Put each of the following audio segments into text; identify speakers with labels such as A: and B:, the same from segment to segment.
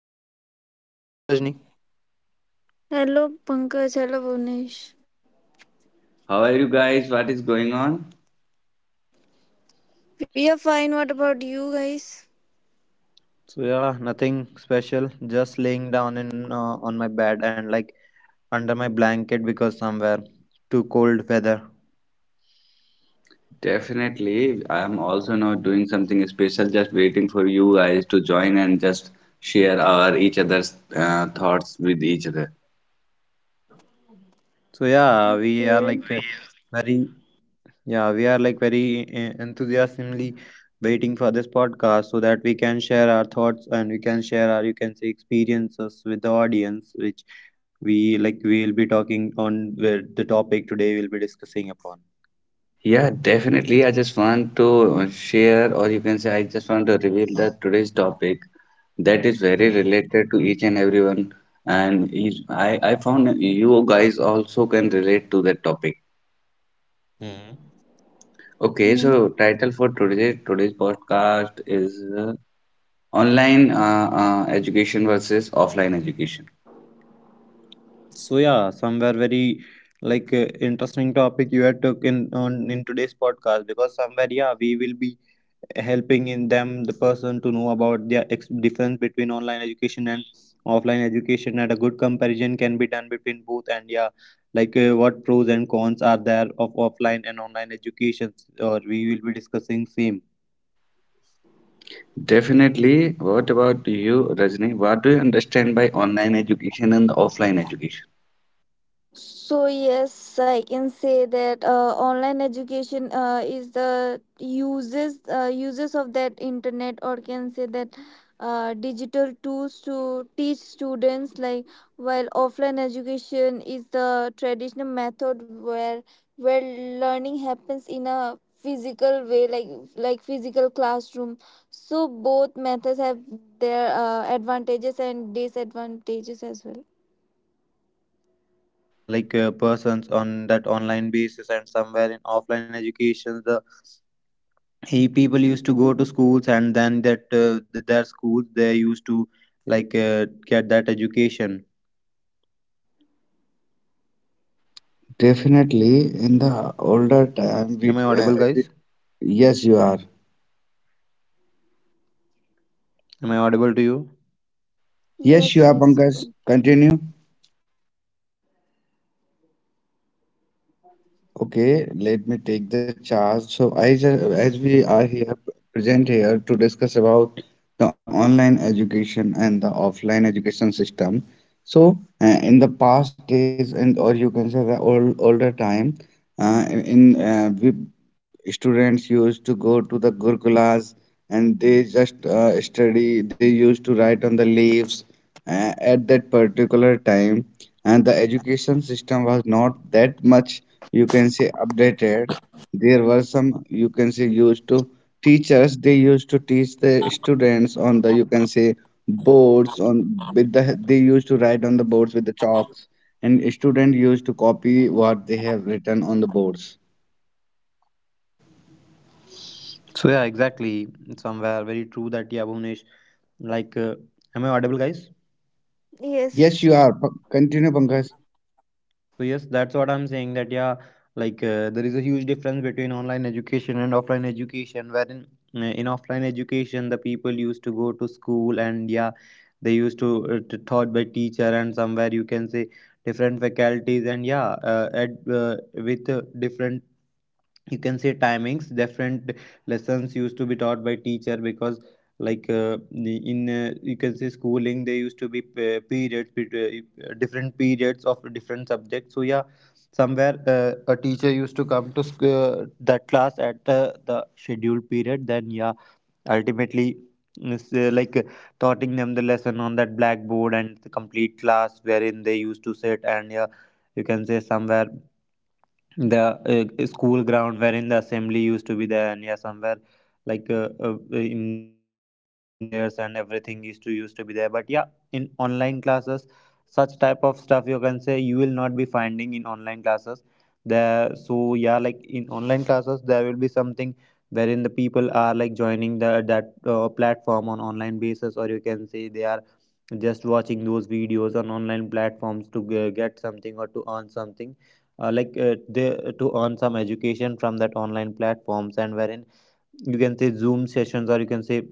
A: How are you?
B: Hello Bhuvnesh. Hello Rajni.
C: Hello Pankaj, hello Bhunesh.
A: How are you guys? What is going on?
C: We are fine. What about you guys?
B: So yeah, nothing special. Just laying down in on my bed, and like under my blanket because somewhere too cold weather.
A: Definitely, I am also not doing something special, just waiting for you guys to join and just share our each other's thoughts with each other.
B: So yeah, we are like
C: Okay.
B: very very enthusiastically waiting for this podcast so that we can share our thoughts, and we can share our, you can say, experiences with the audience which we will be talking on, where the topic today we'll be discussing upon.
A: Yeah, definitely. I just want to share, or you can say, I just want to reveal that today's topic that is very related to each and everyone, and each, I found you guys also can relate to that topic.
B: Mm-hmm.
A: Okay,
C: Hmm.
A: so title for today's podcast is uh, online education versus offline education.
B: So yeah, somewhere very interesting topic you had took in today's podcast because somewhere yeah we will be helping in them the person to know about the difference between online education and offline education, and a good comparison can be done between both. And yeah, what pros and cons are there of offline and online education, or we will be discussing same.
A: Definitely. What about you, Rajni? What do you understand by online education and offline education?
C: I can say that online education is the uses uses of that internet, or can say that digital tools to teach students, like while offline education is the traditional method where learning happens in a
B: So yep,
C: physical
B: very
C: way,
B: true. Like,
C: like
B: yep,
C: physical
B: online
C: classroom.
B: education is
C: So
B: something,
C: both
B: the
C: methods have
B: thinking and, you
C: their
B: can say, the
C: advantages
B: digitalization,
C: and
B: wherein the people
C: disadvantages
B: used
C: as
B: to
C: well.
B: teach the persons on that online basis, and somewhere in offline education the he people used to go to schools, and then that their schools they used to like uh, get that education.
A: Definitely, in the older time,
B: Am I audible, guys?
A: yes, you are.
B: Am I audible to you?
A: Yes,
C: Yes,
A: you are,
C: yes. yes.
A: Pankaj. Continue.
B: Am I audible to you?
A: Okay, let me take the charge. So, I just, as we are here present here to discuss about the online education and the offline education system. So, in the past days, and or you can say the older time, in we students used to go to the Gurukulas and they just study. They used to write on the leaves at that particular time and the education system was not that much, you can say, updated. There were some, you can say, used to teachers they used to teach the students on the, you can say, boards on with the they used to write on the boards with the chalks and student used to copy what they have written on the boards.
B: So yeah, exactly. Somewhere very true that, yeah, Bhuvnesh. Like, am I audible, guys?
A: Yes
C: Yes,
A: you are continue Pankaj.
B: So yes, that's what I'm saying. That yeah, there is a huge difference between online education and offline education. Wherein in offline education, the people used to go to school and, yeah, they used to taught by teacher and, somewhere, you can say different faculties, and yeah, at with different, you can say, timings, different lessons used to be taught by teacher because like in you can say schooling there used to be periods, different periods of different subjects. So yeah, somewhere a teacher used to come to that class at the scheduled period, then yeah ultimately it's, like taughting them the lesson on that blackboard, and the complete class wherein they used to sit, and yeah, you can say somewhere the school ground wherein the assembly used to be there. And yeah, somewhere in morning time the prayers and everything used to be there. But yeah, in online classes, such type of stuff, you can say, you will not be finding in online classes there. So yeah, like in online classes there will be something wherein the people are like joining the that platform on online basis, or you can say they are just watching those videos on online platforms to get something or to earn something, to earn some education from that online platforms. And wherein, you can say, zoom sessions, or you can say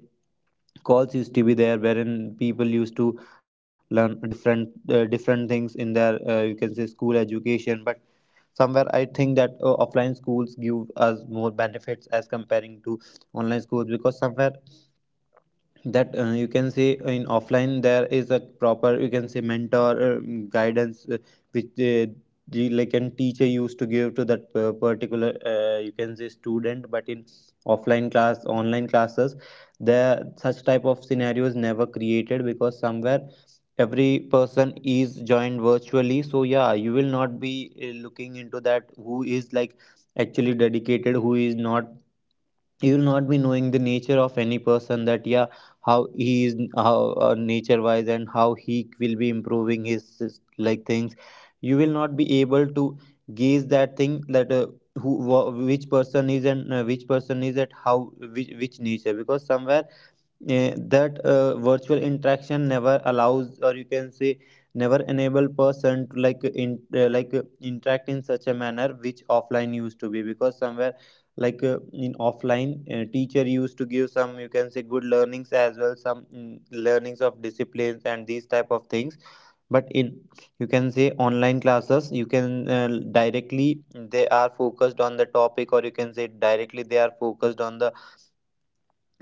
B: calls used to be there, wherein people used to learn different different things in their, you can say, school education. But somewhere I think that offline schools give us more benefits as comparing to online schools, because somewhere that you can say in offline there is a proper, you can say, mentor guidance which the like and teacher used to give to that particular, you can say, student. But in offline class online classes there such type of scenarios never created, because somewhere every person is joined virtually. So yeah, you will not be looking into that who is like actually dedicated, who is not. You will not be knowing the nature of any person, that yeah, how he is, how nature wise, and how he will be improving his like things. You will not be able to gauge that thing, that which person is and which person is at how which nature, because somewhere eh, that virtual interaction never allows, or you can say never enable person to like in like interact in such a manner which offline used to be. Because somewhere in offline teacher used to give some, you can say, good learnings as well, some learnings of disciplines and these type of things. But in, you can say, online classes you can directly, they are focused on the topic, or you can say directly they are focused on the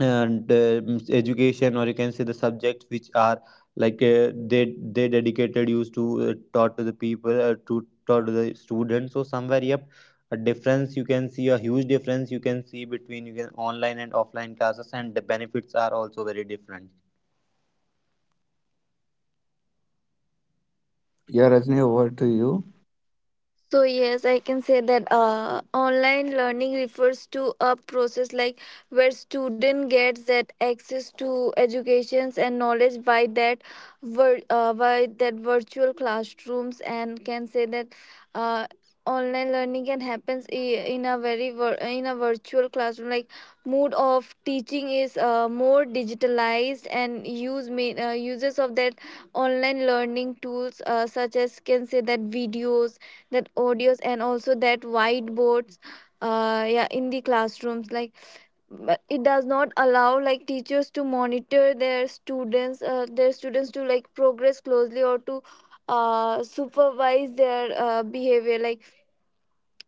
B: and education, or you can say the subjects which are they dedicated used to taught to the people, to taught to the students. So somewhere yep, a difference you can see, a huge difference you can see between, you can, online and offline classes, and the benefits are also very different.
A: Yeah Rajni, over to you.
C: I can say that online learning refers to a process like where student gets that access to educations and knowledge by that by that virtual classrooms, and can say that uh, online learning can happens in a in a virtual classroom, like mode of teaching is more digitalized and use uses of that online learning tools, such as can say that videos, that audios, and also that whiteboards, yeah, in the classrooms like. But it does not allow like teachers to monitor their students, their students to like progress closely, or to supervise their behavior like.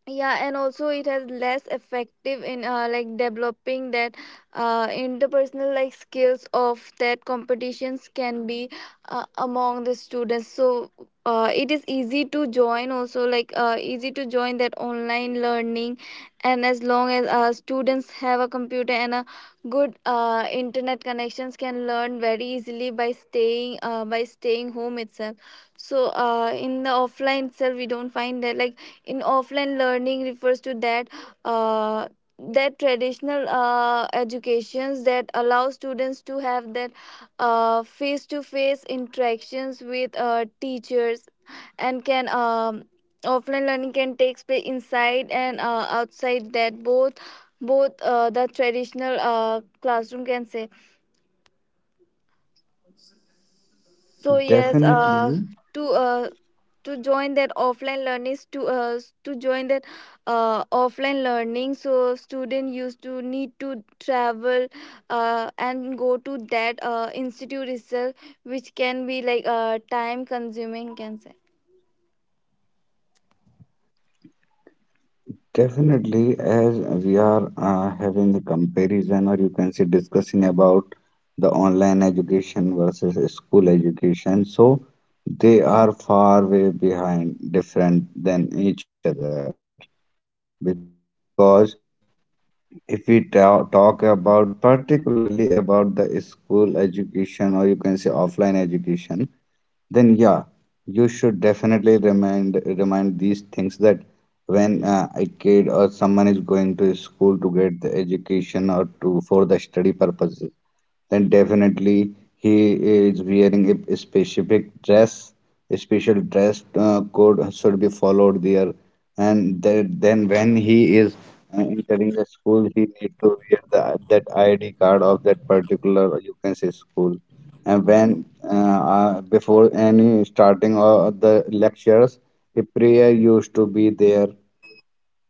C: Yeah, and also it has less effective in like developing that interpersonal like skills of that competitions can be among the students. So it is easy to join also, like easy to join that online learning, and as long as students have a computer and a good internet connections, can learn very easily by staying home itself. So in the offline itself we don't find that like in offline learning refers to that uh, that traditional educations that allow students to have that face-to-face interactions with teachers, and can offline learning can take place inside and outside that both both the traditional classroom, can say. So yes,
A: Definitely.
C: uh, to uh, to join that offline learning, to join that offline learning, so student used to need to travel and go to that institute itself, which can be like time consuming, can say.
A: Definitely, as we are having a comparison, or you can say discussing about the online education versus school education, so they are far way behind, different than each other. Because if we talk about particularly about the school education, or you can say offline education, then yeah you should definitely remind these things that when a kid or someone is going to school to get the education or to for the study purpose then definitely he is wearing a specific dress, a special dress code should be followed there. And that, then when he is entering the school, he need to wear the, that ID card of that particular, you can say, school. And when before any starting of the lectures, a prayer used to be there.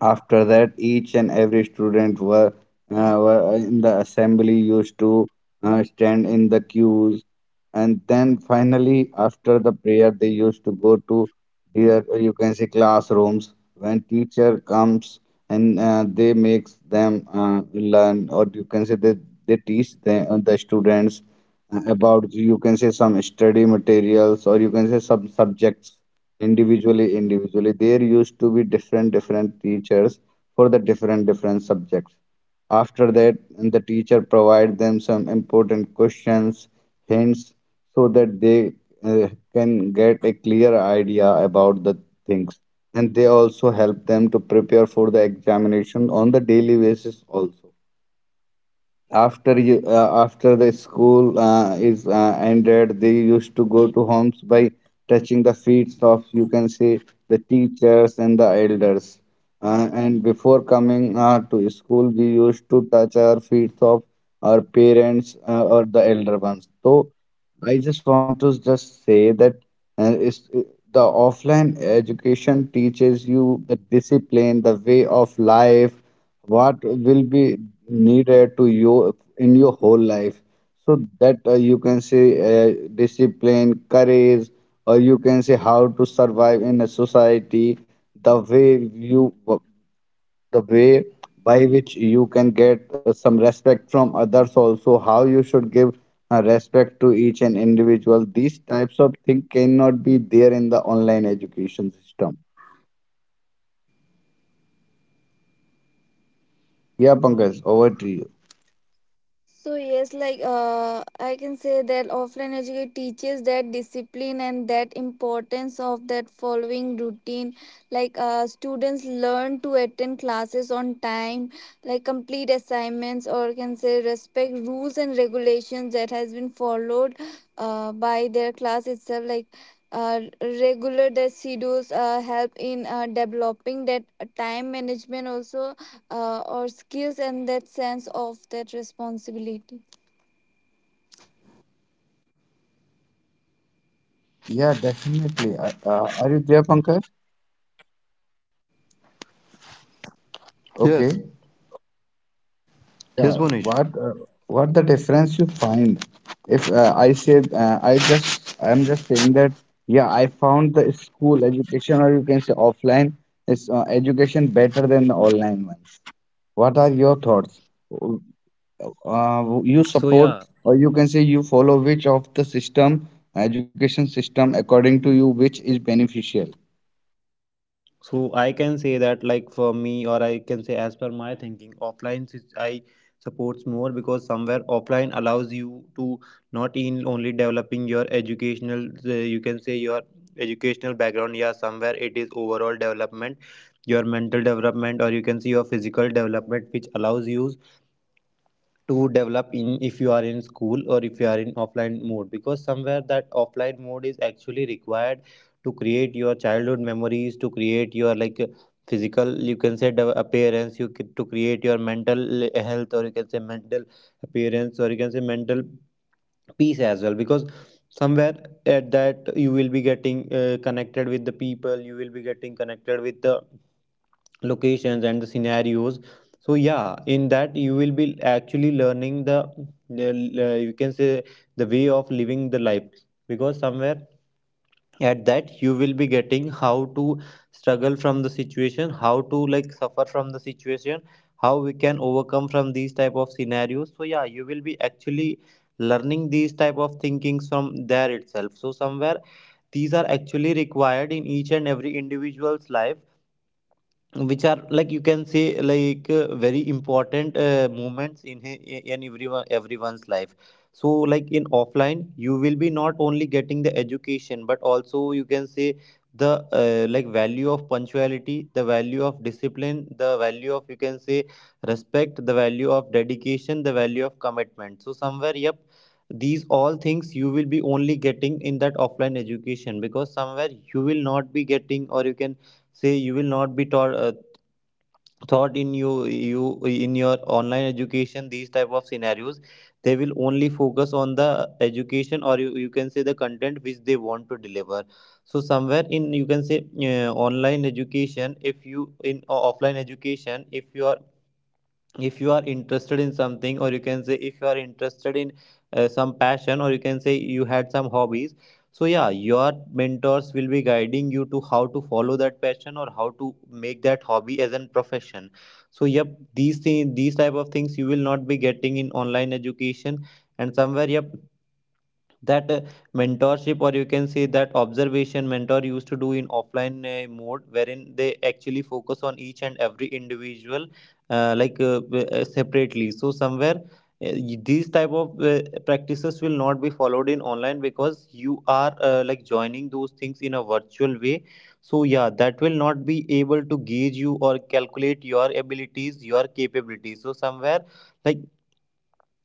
A: After that, each and every student were in the assembly used to stand in the queues and then finally after the prayer they used to go to their, you can say, classrooms when teacher comes and they makes them learn or you can say that they teach the students about, you can say, some study materials or you can say some subjects. Individually there used to be different teachers for the different subjects. After that, the teacher provide them some important questions, hints, so that they can get a clear idea about the things. And they also help them to prepare for the examination on the daily basis also. After you after the school is ended they used to go to homes by touching the feet of, you can say, the teachers and the elders, and before coming to school we used to touch our feet of our parents or the elder ones. So I just want to just say that is the offline education teaches you the discipline, the way of life, what will be needed to you in your whole life, so that you can say discipline, courage, or you can say how to survive in a society, the way you, the way by which you can get some respect from others, also how you should give respect to each and individual. These types of things cannot be there in the online education system. Yeah Pankaj, over to you.
C: Like I can say that offline education teaches that discipline and that importance of that following routine. Like students learn to attend classes on time, like complete assignments, or can say respect rules and regulations that has been followed by their class itself. Like regular the schedules help in developing that time management also, or skills and that sense of that responsibility.
A: Yeah, definitely. Are you there, Pankaj? Okay,
B: Yes,
A: yeah.
B: yes, Bonish.
A: What uh, what the difference you find? If I just I'm just saying that yeah, I found the school education or you can say offline is education better than the online ones. What are your thoughts? You
B: So
A: support
B: yeah,
A: or you can say you follow which of the system education system according to you which is beneficial?
B: so I can say that, like, for me, or I can say as per my thinking, offline is, I supports more because somewhere offline allows you to not in only developing your educational, you can say your educational background. Yeah, somewhere it is overall development, your mental development, or you can see your physical development, which allows you to develop in, if you are in school or if you are in offline mode, because somewhere that offline mode is actually required to create your childhood memories, to create your like physical, you can say the appearance, you can, to create your mental health, or you can say mental appearance, or you can say mental peace as well, because somewhere at that you will be getting connected with the people. You will be getting connected with the locations and the scenarios. So yeah, in that you will be actually learning the you can say the way of living the life, because somewhere at that you will be getting how to struggle from the situation, how to like suffer from the situation, how we can overcome from these type of scenarios. So yeah, you will be actually learning these type of thinkings from there itself. So somewhere these are actually required in each and every individual's life, which are, like, you can say, like very important moments in in everyone's life. So, like, in offline you will be not only getting the education but also, you can say, the like value of punctuality, the value of discipline, the value of, you can say, respect, the value of dedication, the value of commitment. So somewhere yep, these all things you will be only getting in that offline education, because somewhere you will not be getting, or you can say, you will not be taught thought in you in your online education. These type of scenarios, they will only focus on the education, or you can say the content which they want to deliver. So somewhere in, you can say, online education if you in o- offline education if you are, if you are interested in something, or you can say if you are interested in some passion, or you can say you had some hobbies. So yeah, your mentors will be guiding you to how to follow that passion, or how to make that hobby as a profession. So yep, these things, these type of things, you will not be getting in online education. And somewhere yep, that mentorship, or you can say that observation mentor used to do in offline mode, wherein they actually focus on each and every individual separately. So somewhere these type of practices will not be followed in online because you are like joining those things in a virtual way. So yeah, that will not be able to gauge you or calculate your abilities, your capabilities. So somewhere, like,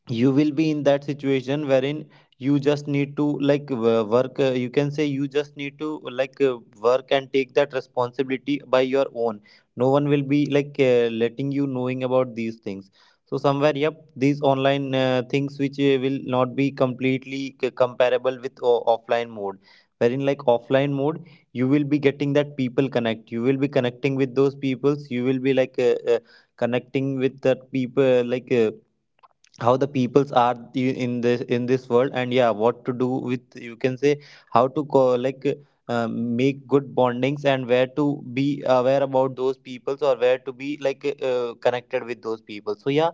B: you will be in that situation wherein you just need to like work, you can say, you just need to like work and take that responsibility by your own. No one will be like letting you knowing about these things. So somewhere yep, these online things which will not be completely comparable with offline mode, wherein like offline mode you will be getting that people connect. You will be connecting with those peoples. You will be like connecting with that people, like how the peoples are in this world. And yeah, what to do with, you can say, how to like make good bondings, and where to be aware about those peoples, or where to be like connected with those people. So yeah,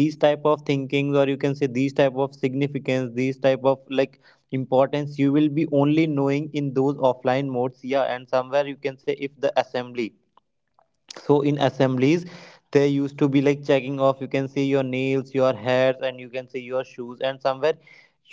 B: these type of thinkings, or you can say these type of significance, these type of like importance, you will be only knowing in those offline modes. Yeah, and somewhere you can say if the assembly So in assemblies, there used to be like checking off. You can see your nails, your hairs, and you can see your shoes. And somewhere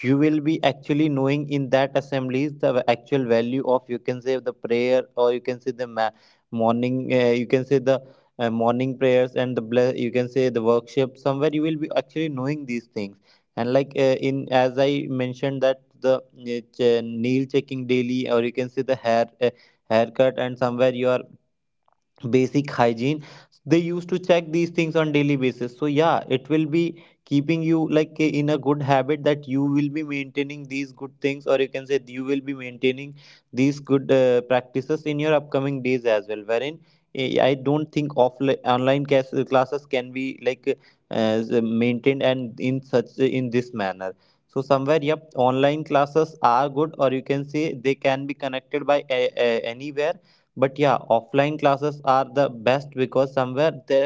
B: you will be actually knowing in that assemblies the actual value of, you can say, the prayer, or you can say the morning, you can say the morning prayers and the you can say the worship. Somewhere you will be actually knowing these things. And like in, as I mentioned, that the nail checking daily, or you can say the hair, haircut, and somewhere you are basic hygiene. They used to check these things on daily basis. So yeah, it will be keeping you like in a good habit that you will be maintaining these good things, or you can say you will be maintaining these good practices in your upcoming days as well, wherein I don't think offline online classes can be like as maintained and in such in this manner. So somewhere, yep, online classes are good, or you can say they can be connected by anywhere. But yeah, offline classes are the best because somewhere they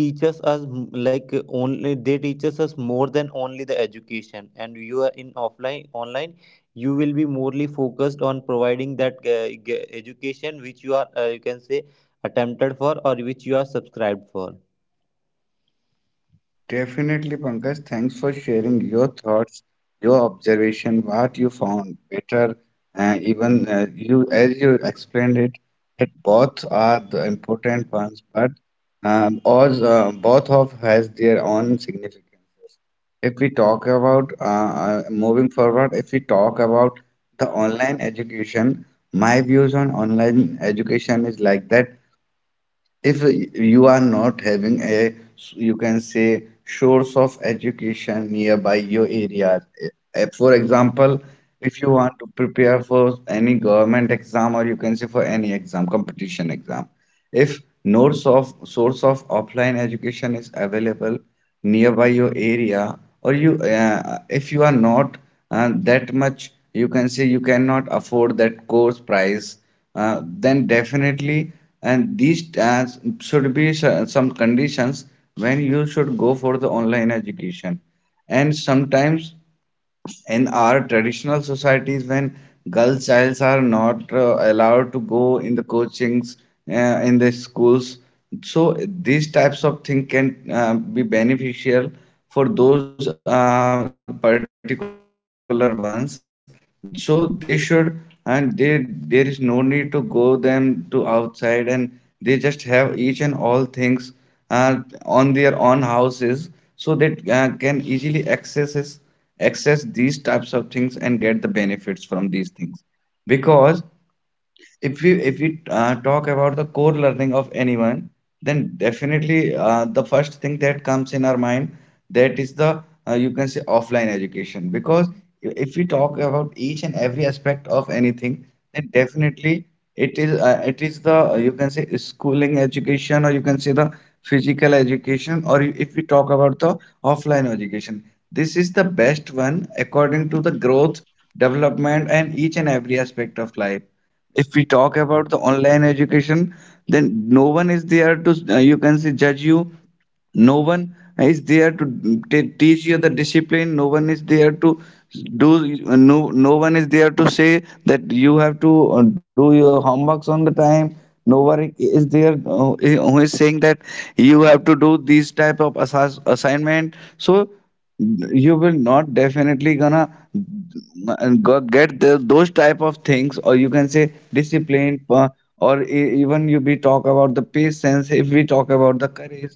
B: teaches us like only, they teaches us more than only the education. And you are in offline online, you will be morely focused on providing that education which you are you can say attempted for, or which you are subscribed for.
A: Definitely, Pankaj. Thanks for sharing your thoughts, your observation, what you found better. Even you, as you explained it, that both are the important ones, but as, both of has their own significances. If we talk about moving forward, if we talk about the online education, my views on online education is like that if you are not having a, you can say, source of education nearby your area. Eh, for example, if you want to prepare for any government exam or you can say for any exam competition exam, if no source of offline education is available nearby your area, or if you are not that much, you can say you cannot afford that course price, then definitely, and these should be some conditions when you should go for the online education. And sometimes in our traditional societies when girl childs are not allowed to go in the coachings uh, in the schools, so these types of thing can be beneficial for those particular ones, so they should and they, there is no need to go them to outside and they just have each and all things uh, on their own houses so that can easily access these types of things and get the benefits from these things. Because if we talk about the core learning of anyone, then definitely the first thing that comes in our mind, that is the you can say offline education. Because if we talk about each and every aspect of anything, then definitely it is the you can say schooling education or you can say the physical education, or if we talk about the offline education, this is the best one according to the growth, development and each and every aspect of life. If we talk about the online education, then no one is there to you can say judge you, no one is there to teach you the discipline, no one is there to do no no one is there to say that you have to do your homeworks on the time, no one is there who is saying that you have to do these type of assignment. So you will not definitely gonna get the, those type of things or you can say discipline, even you be talk about the patience, if we talk about the courage,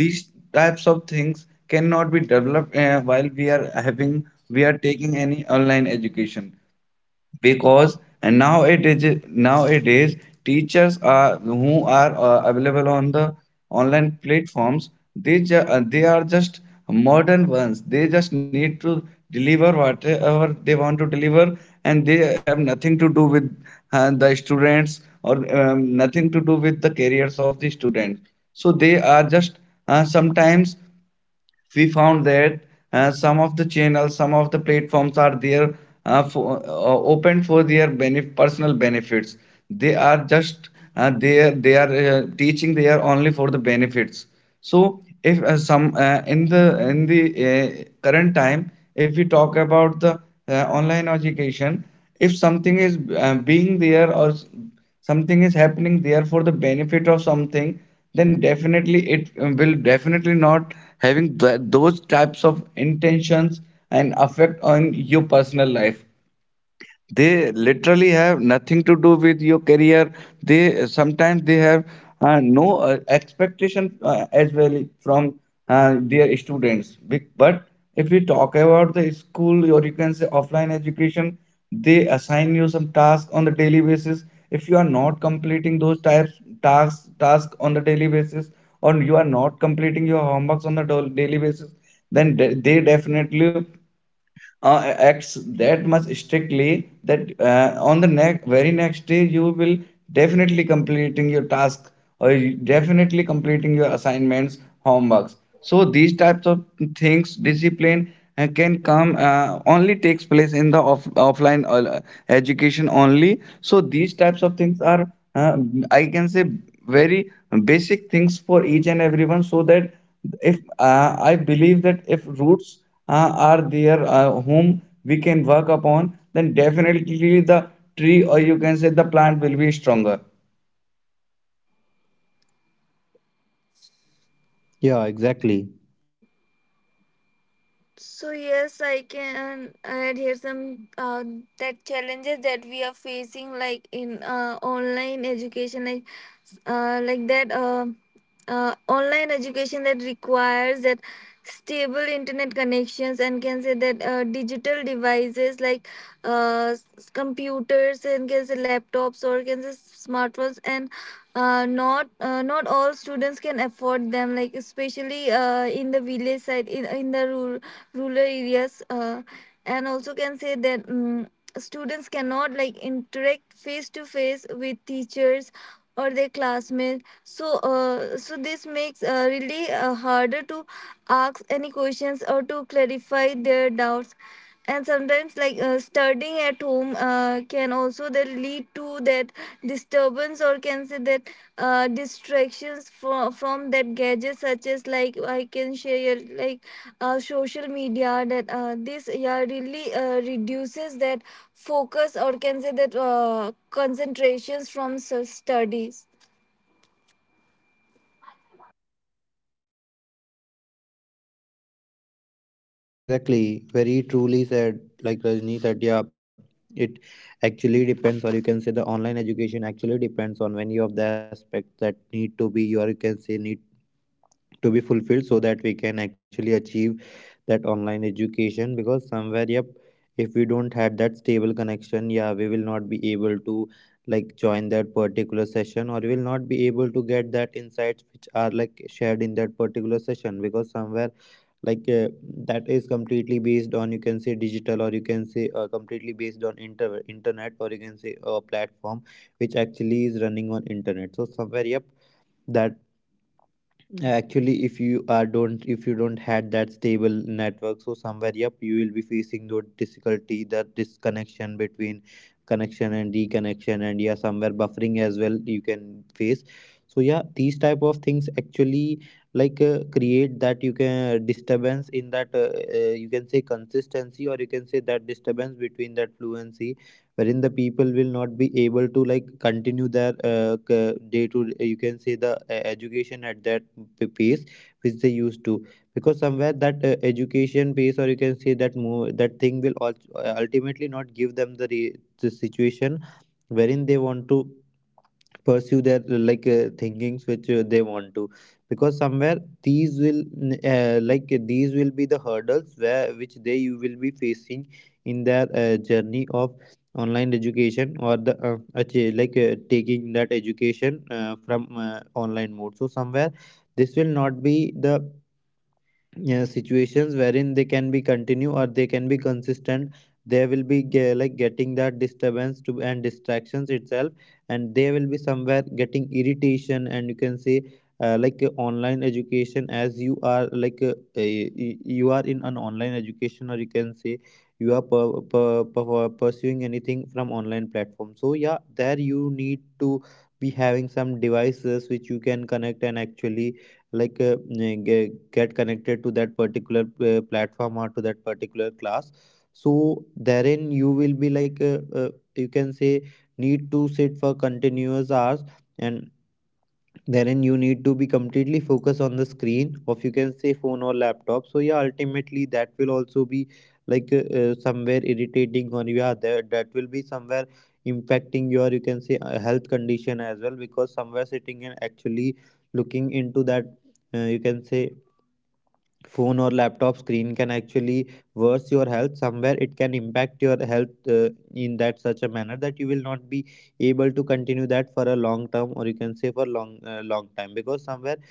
A: these types of things cannot be developed while we are having we are taking any online education. Because and now nowadays teachers are who are available on the online platforms, they they are just modern ones, they just need to deliver whatever they want to deliver, and they have nothing to do with the students or nothing to do with the careers of the students. So they are just sometimes we found that some of the channels, some of the platforms are there open for their personal benefits. They are just there. They are teaching. They are only for the benefits. So if some in the current time, if we talk about the online education, if something is being there or something is happening there for the benefit of something, then definitely it will definitely not having those types of intentions and affect on your personal life. They literally have nothing to do with your career. They sometimes they have no expectation as well from their students. But if we talk about the school or you can say offline education, they assign you some tasks on the daily basis. If you are not completing those types tasks on the daily basis or you are not completing your homeworks on the daily basis, then they definitely acts that much strictly that on the next very next day you will definitely completing your task or you definitely completing your assignments homeworks. So these types of things discipline can come only takes place in the offline education only. So these types of things are I can say very basic things for each and everyone, so that if I believe that if roots are there whom we can work upon, then definitely the tree or you can say the plant will be stronger.
B: Yeah, exactly.
C: I can add here some that challenges that we are facing, like in online education, like that online education that requires that stable internet connections, and can say that digital devices like computers and can say laptops, or can say smartphones, and not all students can afford them, like especially in the village side, in the rural areas, and also can say that students cannot like interact face to face with teachers or their classmates. So so this makes really harder to ask any questions or to clarify their doubts, and sometimes like studying at home can also that lead to that disturbance, or can say that distractions from that gadget, such as like I can share like social media, that this, yeah, really reduces that focus, or can say that concentrations from studies.
B: Yeah, exactly. Very truly said, like Rajni said, yeah, it actually depends, or you can say the online education actually depends on many of the aspects that need to be, or you can say need to be fulfilled so that we can actually achieve that online education because somewhere, yep, if we don't had that stable connection, yeah, we will not be able to like join that particular session, or we will not be able to get that insights which are like shared in that particular session because somewhere like that is completely based on, you can say, digital, or you can say completely based on internet, or you can say a platform which actually is running on internet. So somewhere, yep, that actually if you are don't, if you don't had that stable network, so somewhere, yep, you will be facing the difficulty, the disconnection between connection and reconnection, and yeah, somewhere buffering as well you can face. So yeah, these type of things actually like create that, you can disturbance in that you can say consistency, or you can say that disturbance between that fluency wherein the people will not be able to like continue their day to, you can say, the education at that pace which they used to. Because somewhere that education pace, or you can say that move, that thing will ultimately not give them the, the situation wherein they want to pursue their like thinkings which they want to. Because somewhere these will like these will be the hurdles where which they you will be facing in their journey of online education, or the like taking that education from online mode. So somewhere this will not be the, yeah, situations wherein they can be continue, or they can be consistent. They will be like getting that disturbance to, and distractions itself. And they will be somewhere getting irritation, and you can say like online education. As you are like you are in an online education, or you can say you are pursuing anything from online platform. So yeah, there you need to be having some devices which you can connect and actually like get connected to that particular platform, or to that particular class. So therein you will be like you can say need to sit for continuous hours. And therein you need to be completely focused on the screen of, you can say, phone or laptop. So yeah, ultimately that will also be like somewhere irritating, or yeah, that will be somewhere impacting your, you can say, health condition as well. Because somewhere sitting and actually looking into that you can say phone or laptop screen can actually worse your health. Somewhere it can impact your health in that such a manner that you will not be able to continue that for a long term, or you can say for long long time. Because somewhere,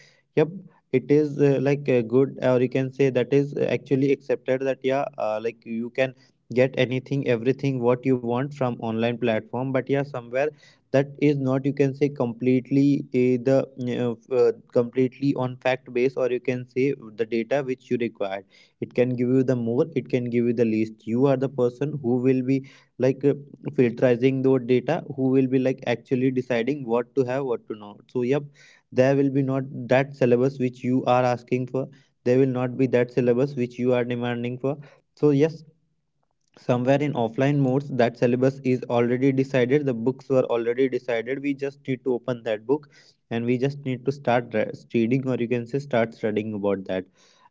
B: yep, it is like good, or you can say that is actually accepted that yeah, like you can get anything, everything what you want from online platform. But yeah, somewhere that is not, you can say, completely the completely on fact base, or you can say the data which you require, it can give you the more, it can give you the least. You are the person who will be like filterizing the data, who will be like actually deciding what to have, what to not. So yep, there will be not that syllabus which you are asking for. There will not be that syllabus which you are demanding for. So yes, somewhere in offline modes that syllabus is already decided, the books were already decided. We just need to open that book and we just need to start reading, or you can say start studying about that.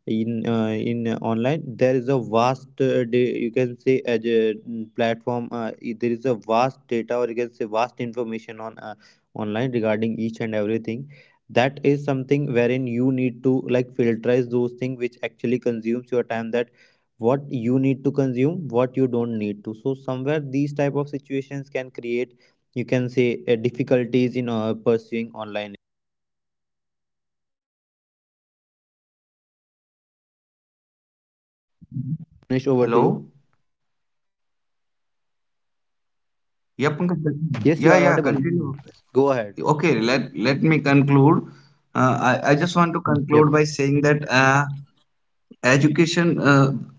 B: In online there is a vast you can say as a platform, there is a vast data, or you can say vast information on online regarding each and everything. That is something wherein you need to like filterize those things which actually consumes your time, that what you need to consume, what you don't need to. So somewhere these type of situations can create, you can say, difficulties in pursuing online education. Yep, Bhuvnesh, over to you.
A: Hello. Yeah Pankaj, continue. Yeah
B: Yes, you are
A: yeah
B: audible.
A: continue.
B: Go ahead.
A: Okay, let let me conclude. I just want to conclude by
B: Yep.
A: saying that education,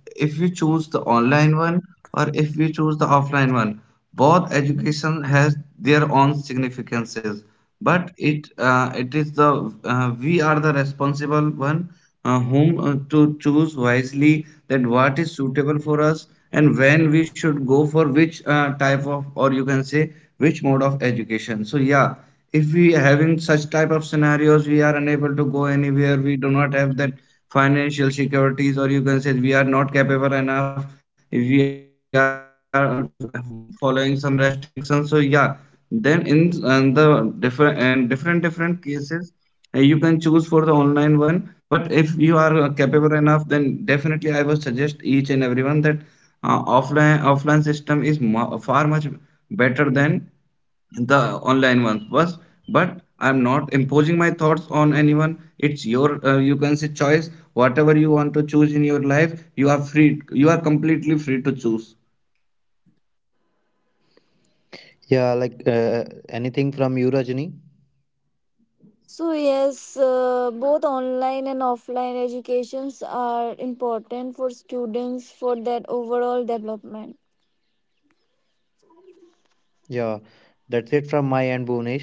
A: if we choose the online one or if we choose the offline one, both education has their own significances. But it it is the we are the responsible one, whom to choose wisely that what is suitable for us, and when we should go for which type of or you can say which mode of education. So yeah, if we having such type of scenarios we are unable to go anywhere, we do not have that financial securities or you can say we are not capable enough, if we are following some restrictions, so yeah, then in and the different and different cases, you can choose for the online one. But if you are capable enough, then definitely I would suggest each and everyone that offline system is far much better than the online ones was. But I'm not imposing my thoughts on anyone, it's your you can say choice, whatever you want to choose in your life you are free, you are completely free to choose.
B: Yeah, like anything from you, Rajni?
C: Both online and offline educations are important for students for that overall development.
B: Yeah, that's it from my end, Bhuvnesh.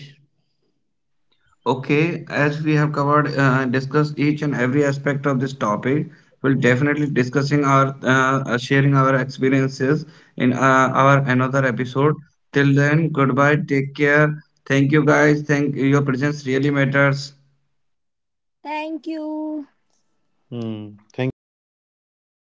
A: Okay, as we have covered discussed each and every aspect of this topic, we'll definitely discussing our sharing our experiences in our another episode. Till then goodbye, take care. Thank you guys, thank your presence really matters.
C: Thank you.
B: Hmm. Thank you. Goodbye.